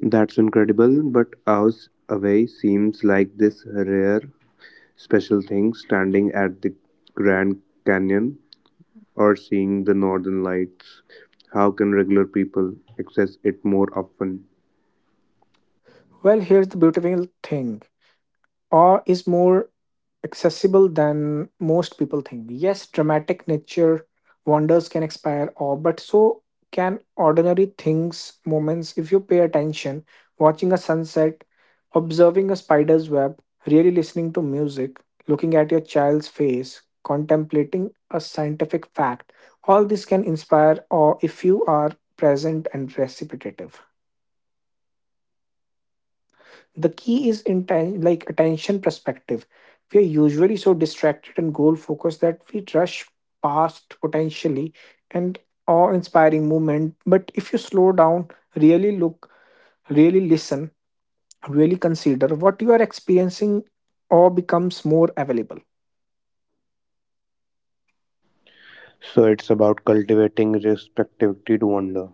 A: That's incredible, but ours away seems like this rare special thing standing at the Grand Canyon or seeing the northern lights? How can regular people access it more often?
B: Well, here's the beautiful thing. Or is more accessible than most people think. Yes, dramatic nature wonders can inspire awe, but so can ordinary things, moments. If you pay attention, watching a sunset, observing a spider's web, really listening to music, looking at your child's face, contemplating a scientific fact, all this can inspire awe if you are present and reciprocative. The key is attention perspective. We are usually so distracted and goal focused that we rush past potentially and awe inspiring movement. But if you slow down, really look, really listen, really consider what you are experiencing, or becomes more available.
A: So it's about cultivating respectivity to wonder.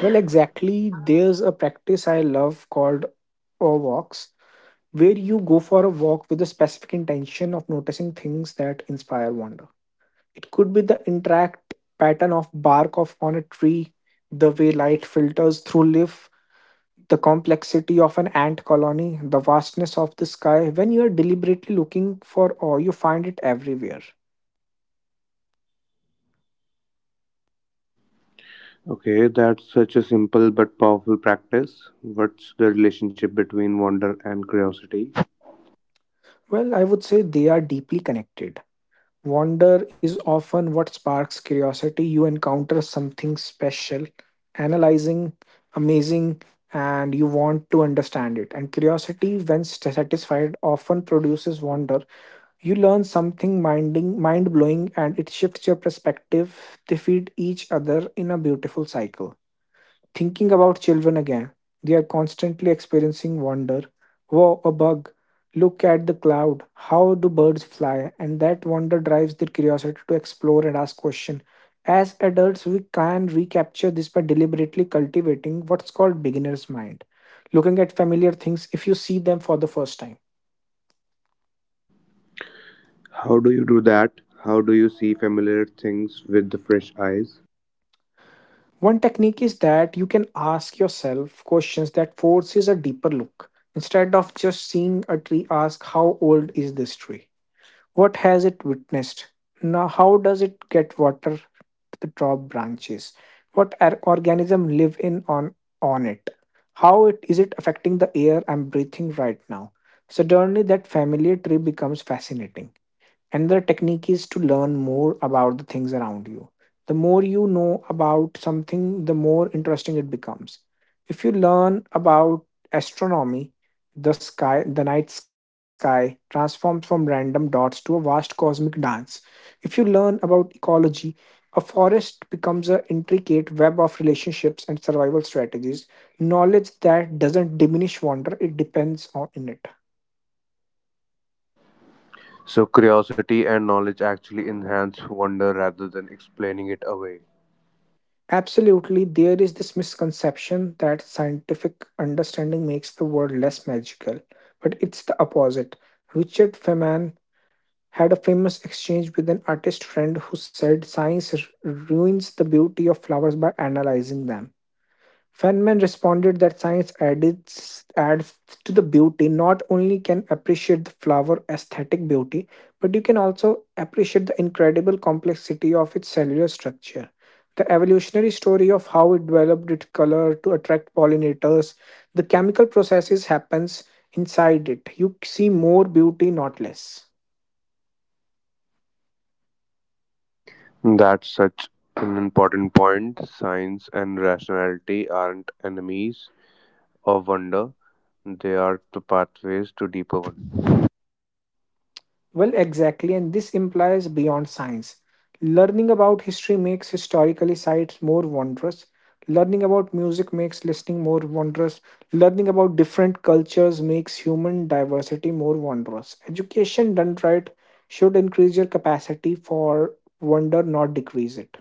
B: Well, exactly, there's a practice I love called awe walks, where you go for a walk with a specific intention of noticing things that inspire wonder. It could be the interact pattern of bark of on a tree, the way light filters through leaf, the complexity of an ant colony, the vastness of the sky. When you are deliberately looking for awe, you find it everywhere.
A: Okay, that's such a simple but powerful practice. What's the relationship between wonder and curiosity?
B: Well, I would say they are deeply connected. Wonder is often what sparks curiosity. You encounter something special, analyzing, amazing, and you want to understand it. And curiosity, when satisfied, often produces wonder. You learn something mind blowing and it shifts your perspective. They feed each other in a beautiful cycle. Thinking about children again, they are constantly experiencing wonder. Wow, a bug. Look at the cloud. How do birds fly? And that wonder drives their curiosity to explore and ask questions. As adults, we can recapture this by deliberately cultivating what's called beginner's mind. Looking at familiar things if you see them for the first time.
A: How do you do that? How do you see familiar things with the fresh eyes?
B: One technique is that you can ask yourself questions that forces a deeper look. Instead of just seeing a tree, ask how old is this tree? What has it witnessed? Now, how does it get water to the top branches? What organism live in on it? How it is it affecting the air I'm breathing right now? Suddenly, that familiar tree becomes fascinating. Another technique is to learn more about the things around you. The more you know about something, the more interesting it becomes. If you learn about astronomy, the sky, the night sky transforms from random dots to a vast cosmic dance. If you learn about ecology, a forest becomes an intricate web of relationships and survival strategies. Knowledge that doesn't diminish wonder, it depends on in it.
A: So, curiosity and knowledge actually enhance wonder rather than explaining it away.
B: Absolutely, there is this misconception that scientific understanding makes the world less magical, but it's the opposite. Richard Feynman had a famous exchange with an artist friend who said science ruins the beauty of flowers by analyzing them. Feynman responded that science adds, to the beauty. Not only can appreciate the flower aesthetic beauty, but you can also appreciate the incredible complexity of its cellular structure. The evolutionary story of how it developed its color to attract pollinators, the chemical processes happens inside it. You see more beauty, not less.
A: That's such an important point. Science and rationality aren't enemies of wonder, they are the pathways to deeper one.
B: Well, exactly, and this implies beyond science. Learning about history makes historically sites more wondrous. Learning about music makes listening more wondrous. Learning about different cultures makes human diversity more wondrous. Education done right should increase your capacity for wonder, not decrease it.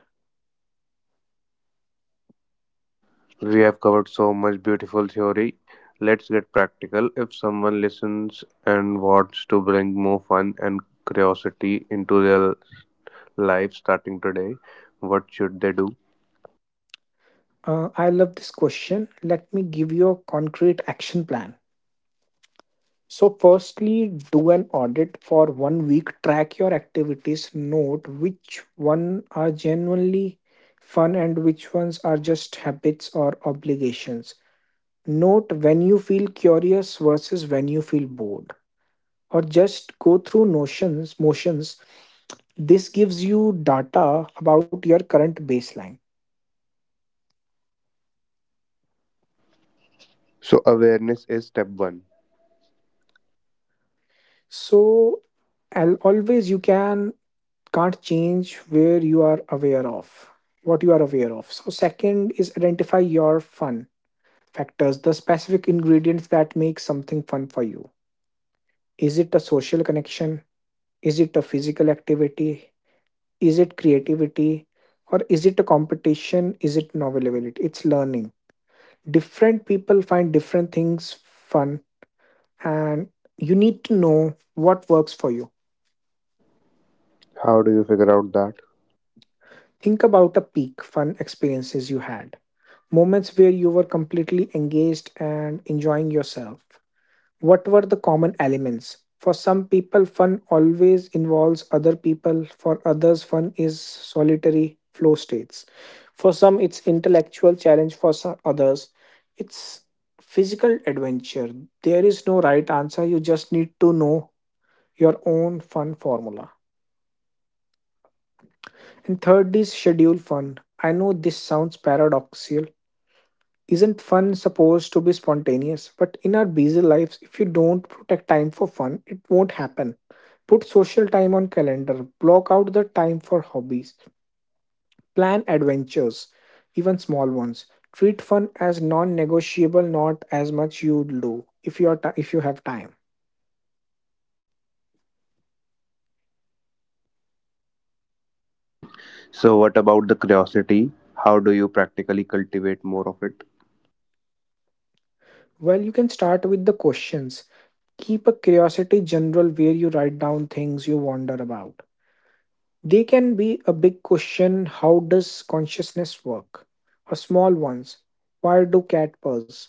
A: We have covered so much beautiful theory. Let's get practical. If someone listens and wants to bring more fun and curiosity into their life starting today, what should they do?
B: I love this question. Let me give you a concrete action plan. So, firstly, do an audit for one week. Track your activities. Note which one are genuinely fun and which ones are just habits or obligations. Note when you feel curious versus when you feel bored. Or just go through motions. This gives you data about your current baseline.
A: So, awareness is step one.
B: So, always you can't change where you are aware of what you are aware of. So, second is identify your fun factors, the specific ingredients that make something fun for you. Is it a social connection? Is it a physical activity? Is it creativity or is it a competition? Is it novelability? It's learning. Different people find different things fun and you need to know what works for you.
A: How do you figure out that?
B: Think about a peak fun experiences you had. Moments where you were completely engaged and enjoying yourself. What were the common elements? For some people, fun always involves other people. For others, fun is solitary flow states. For some, it's intellectual challenge. For some others, it's physical adventure. There is no right answer. You just need to know your own fun formula. And third is schedule fun. I know this sounds paradoxical. Isn't fun supposed to be spontaneous? But in our busy lives, if you don't protect time for fun, it won't happen. Put social time on calendar, block out the time for hobbies, plan adventures, even small ones. Treat fun as non-negotiable, not as much you do if you are if you have time.
A: So, what about the curiosity? How do you practically cultivate more of it?
B: Well, you can start with the questions. Keep a curiosity general where you write down things you wonder about. They can be a big question. How does consciousness work? Or small ones. Why do cat purrs?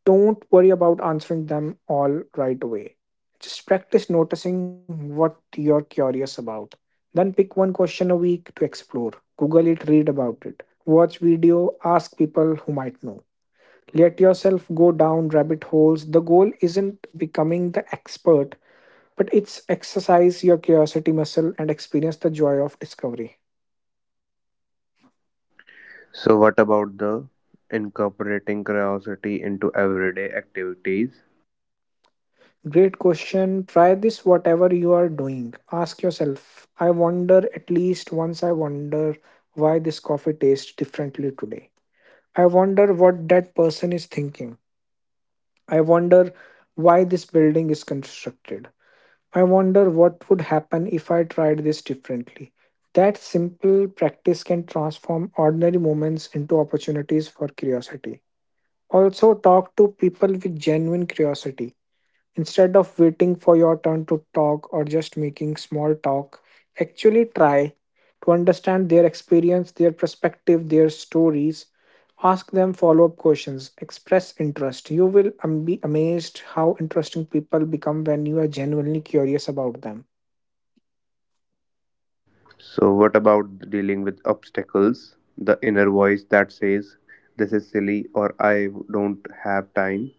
B: Don't worry about answering them all right away. Just practice noticing what you're curious about. Then pick one question a week to explore. Google it, read about it. Watch video, ask people who might know. Let yourself go down rabbit holes. The goal isn't becoming the expert, but it's exercise your curiosity muscle and experience the joy of discovery.
A: So what about the incorporating curiosity into everyday activities?
B: Great question. Try this whatever you are doing. Ask yourself, I wonder at least once. I wonder why this coffee tastes differently today. I wonder what that person is thinking. I wonder why this building is constructed. I wonder what would happen if I tried this differently. That simple practice can transform ordinary moments into opportunities for curiosity. Also, talk to people with genuine curiosity. Instead of waiting for your turn to talk or just making small talk, actually try to understand their experience, their perspective, their stories. Ask them follow up questions, express interest. You be amazed how interesting people become when you are genuinely curious about them.
A: So what about dealing with obstacles, the inner voice that says this is silly or I don't have time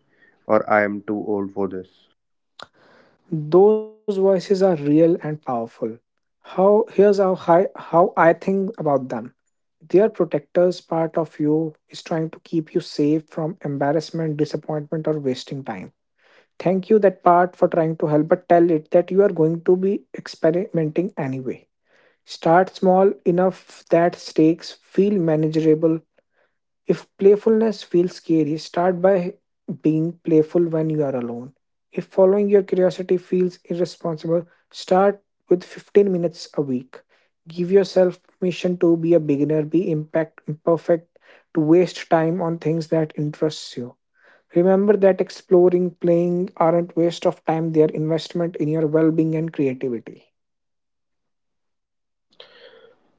A: or I am too old for this?
B: Those voices are real and powerful. How here's how I think about them. Their protectors part of you is trying to keep you safe from embarrassment, disappointment, or wasting time. Thank you, that part, for trying to help, but tell it that you are going to be experimenting anyway. Start small enough that stakes feel manageable. If playfulness feels scary, start by being playful when you are alone. If following your curiosity feels irresponsible, start with 15 minutes a week. Give yourself permission to be a beginner, be impact imperfect, to waste time on things that interests you. Remember that exploring, playing aren't waste of time, they are investment in your well-being and creativity.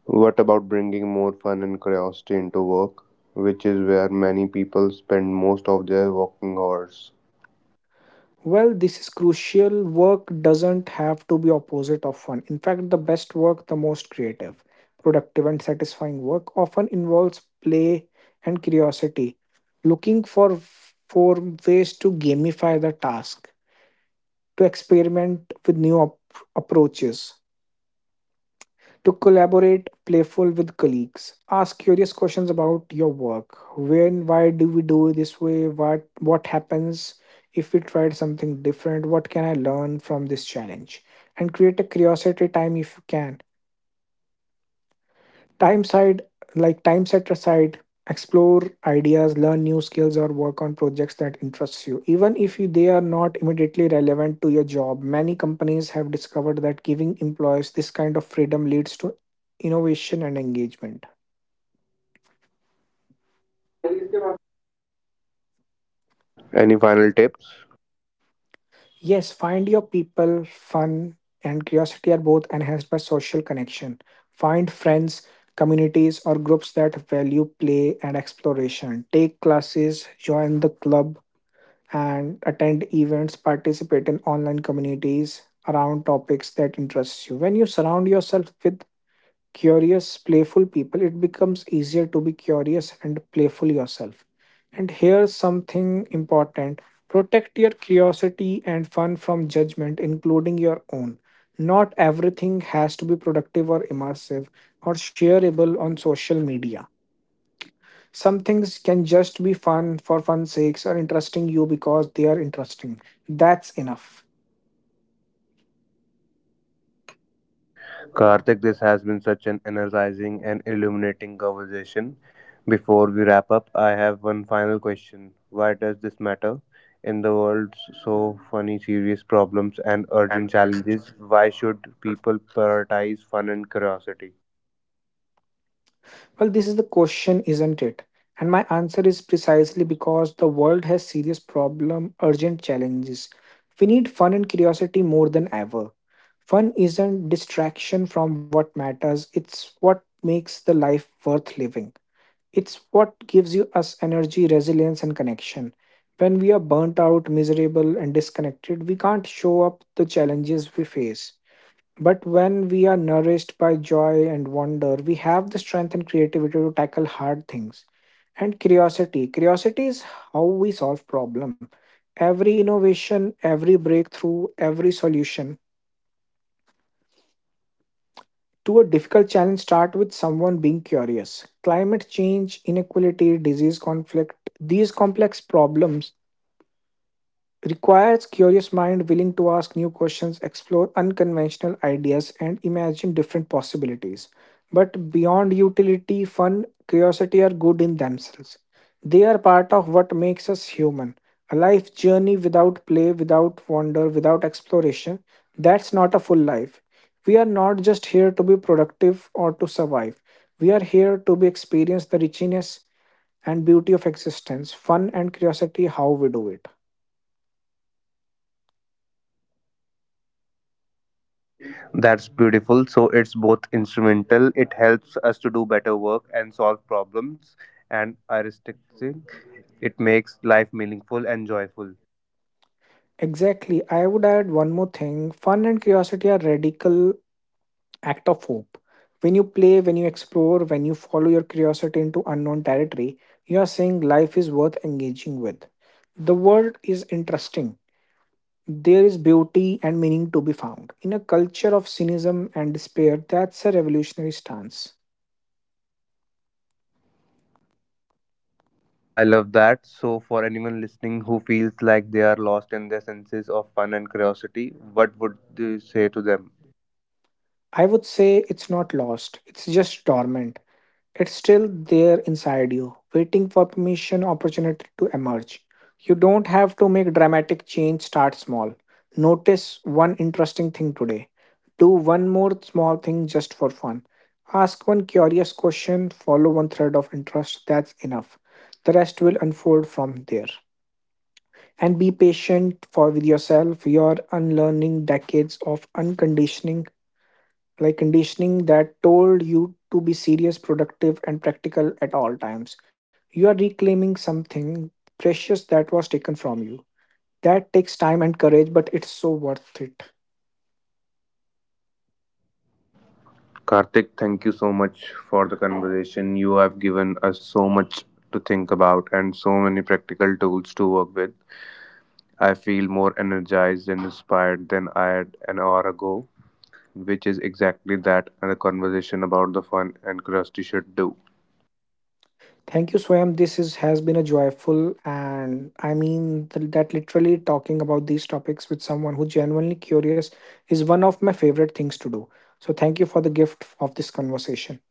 A: What about bringing more fun and curiosity into work, which is where many people spend most of their working hours?
B: Well, this is crucial. Work doesn't have to be opposite of fun. In fact, the best work, the most creative, productive, and satisfying work often involves play and curiosity. Looking for ways to gamify the task, to experiment with approaches, to collaborate playful with colleagues. Ask curious questions about your work. When why do we do it this way? What happens if we tried something different? What can I learn from this challenge? And create a curiosity time if you can, time side, like time set aside, explore ideas, learn new skills, or work on projects that interests you, even if they are not immediately relevant to your job. Many companies have discovered that giving employees this kind of freedom leads to innovation and engagement.
A: Any final tips?
B: Yes, find your people. Fun and curiosity are both enhanced by social connection. Find friends, communities, or groups that value play and exploration. Take classes, join the club and attend events, participate in online communities around topics that interest you. When you surround yourself with curious, playful people, it becomes easier to be curious and playful yourself. And here's something important: protect your curiosity and fun from judgment, including your own. Not everything has to be productive or immersive or shareable on social media. Some things can just be fun for fun's sakes or interesting you because they are interesting. That's enough.
A: Karthik, this has been such an energizing and illuminating conversation. Before we wrap up, I have one final question. Why does this matter? In the world, so funny, serious problems and urgent challenges, why should people prioritize fun and curiosity?
B: Well, this is the question, isn't it? And my answer is precisely because the world has serious problem, urgent challenges. We need fun and curiosity more than ever. Fun isn't distraction from what matters, it's what makes the life worth living. It's what gives you us energy, resilience, and connection. When we are burnt out, miserable, and disconnected, we can't show up the challenges we face. But when we are nourished by joy and wonder, we have the strength and creativity to tackle hard things. And curiosity. Curiosity is how we solve problem. Every innovation, every breakthrough, every solution to a difficult challenge start with someone being curious. Climate change, inequality, disease, conflict, these complex problems requires curious mind willing to ask new questions, explore unconventional ideas, and imagine different possibilities. But beyond utility, fun, curiosity are good in themselves. They are part of what makes us human. A life journey without play, without wonder, without exploration, that's not a full life. We are not just here to be productive or to survive. We are here to be experience the richness and beauty of existence. Fun and curiosity, how we do it.
A: That's beautiful. So it's both instrumental, it helps us to do better work and solve problems, and artistic, it makes life meaningful and joyful.
B: Exactly. I would add one more thing. Fun and curiosity are radical act of hope. When you play, when you explore, when you follow your curiosity into unknown territory, you are saying life is worth engaging with. The world is interesting. There is beauty and meaning to be found. In a culture of cynicism and despair, that's a revolutionary stance.
A: I love that. So, for anyone listening who feels like they are lost in their senses of fun and curiosity, what would you say to them?
B: I would say it's not lost, it's just dormant. It's still there inside you, waiting for permission, opportunity to emerge. You don't have to make dramatic change, start small. Notice one interesting thing today. Do one more small thing just for fun. Ask one curious question, follow one thread of interest, that's enough. The rest will unfold from there. And be patient for with yourself. You're unlearning decades of unconditioning like conditioning that told you to be serious, productive, and practical at all times. You are reclaiming something precious that was taken from you. That takes time and courage, but it's so worth it.
A: Karthik, thank you so much for the conversation. You have given us so much to think about and so many practical tools to work with. I feel more energized and inspired than I had an hour ago, which is exactly that the conversation about the fun and curiosity should do.
B: Thank you, Swam. This is has been a joyful, and I mean that literally, talking about these topics with someone who genuinely curious is one of my favorite things to do. So thank you for the gift of this conversation.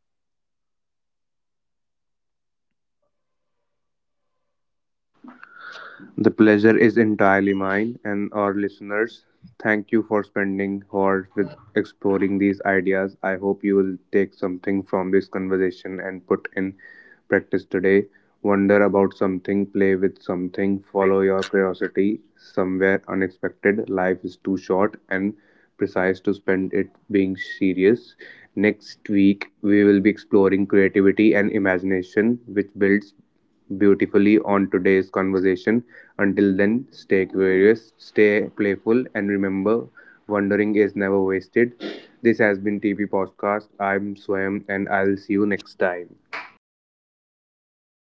A: The pleasure is entirely mine and our listeners. Thank you for spending hours with exploring these ideas. I hope you will take something from this conversation and put in practice today. Wonder about something, play with something, follow your curiosity somewhere unexpected. Life is too short and precise to spend it being serious. Next week, we will be exploring creativity and imagination, which builds beautifully on today's conversation. Until then, stay curious, stay playful, and remember, wondering is never wasted. This has been TP Podcast. I'm Swayam, and I'll see you next time.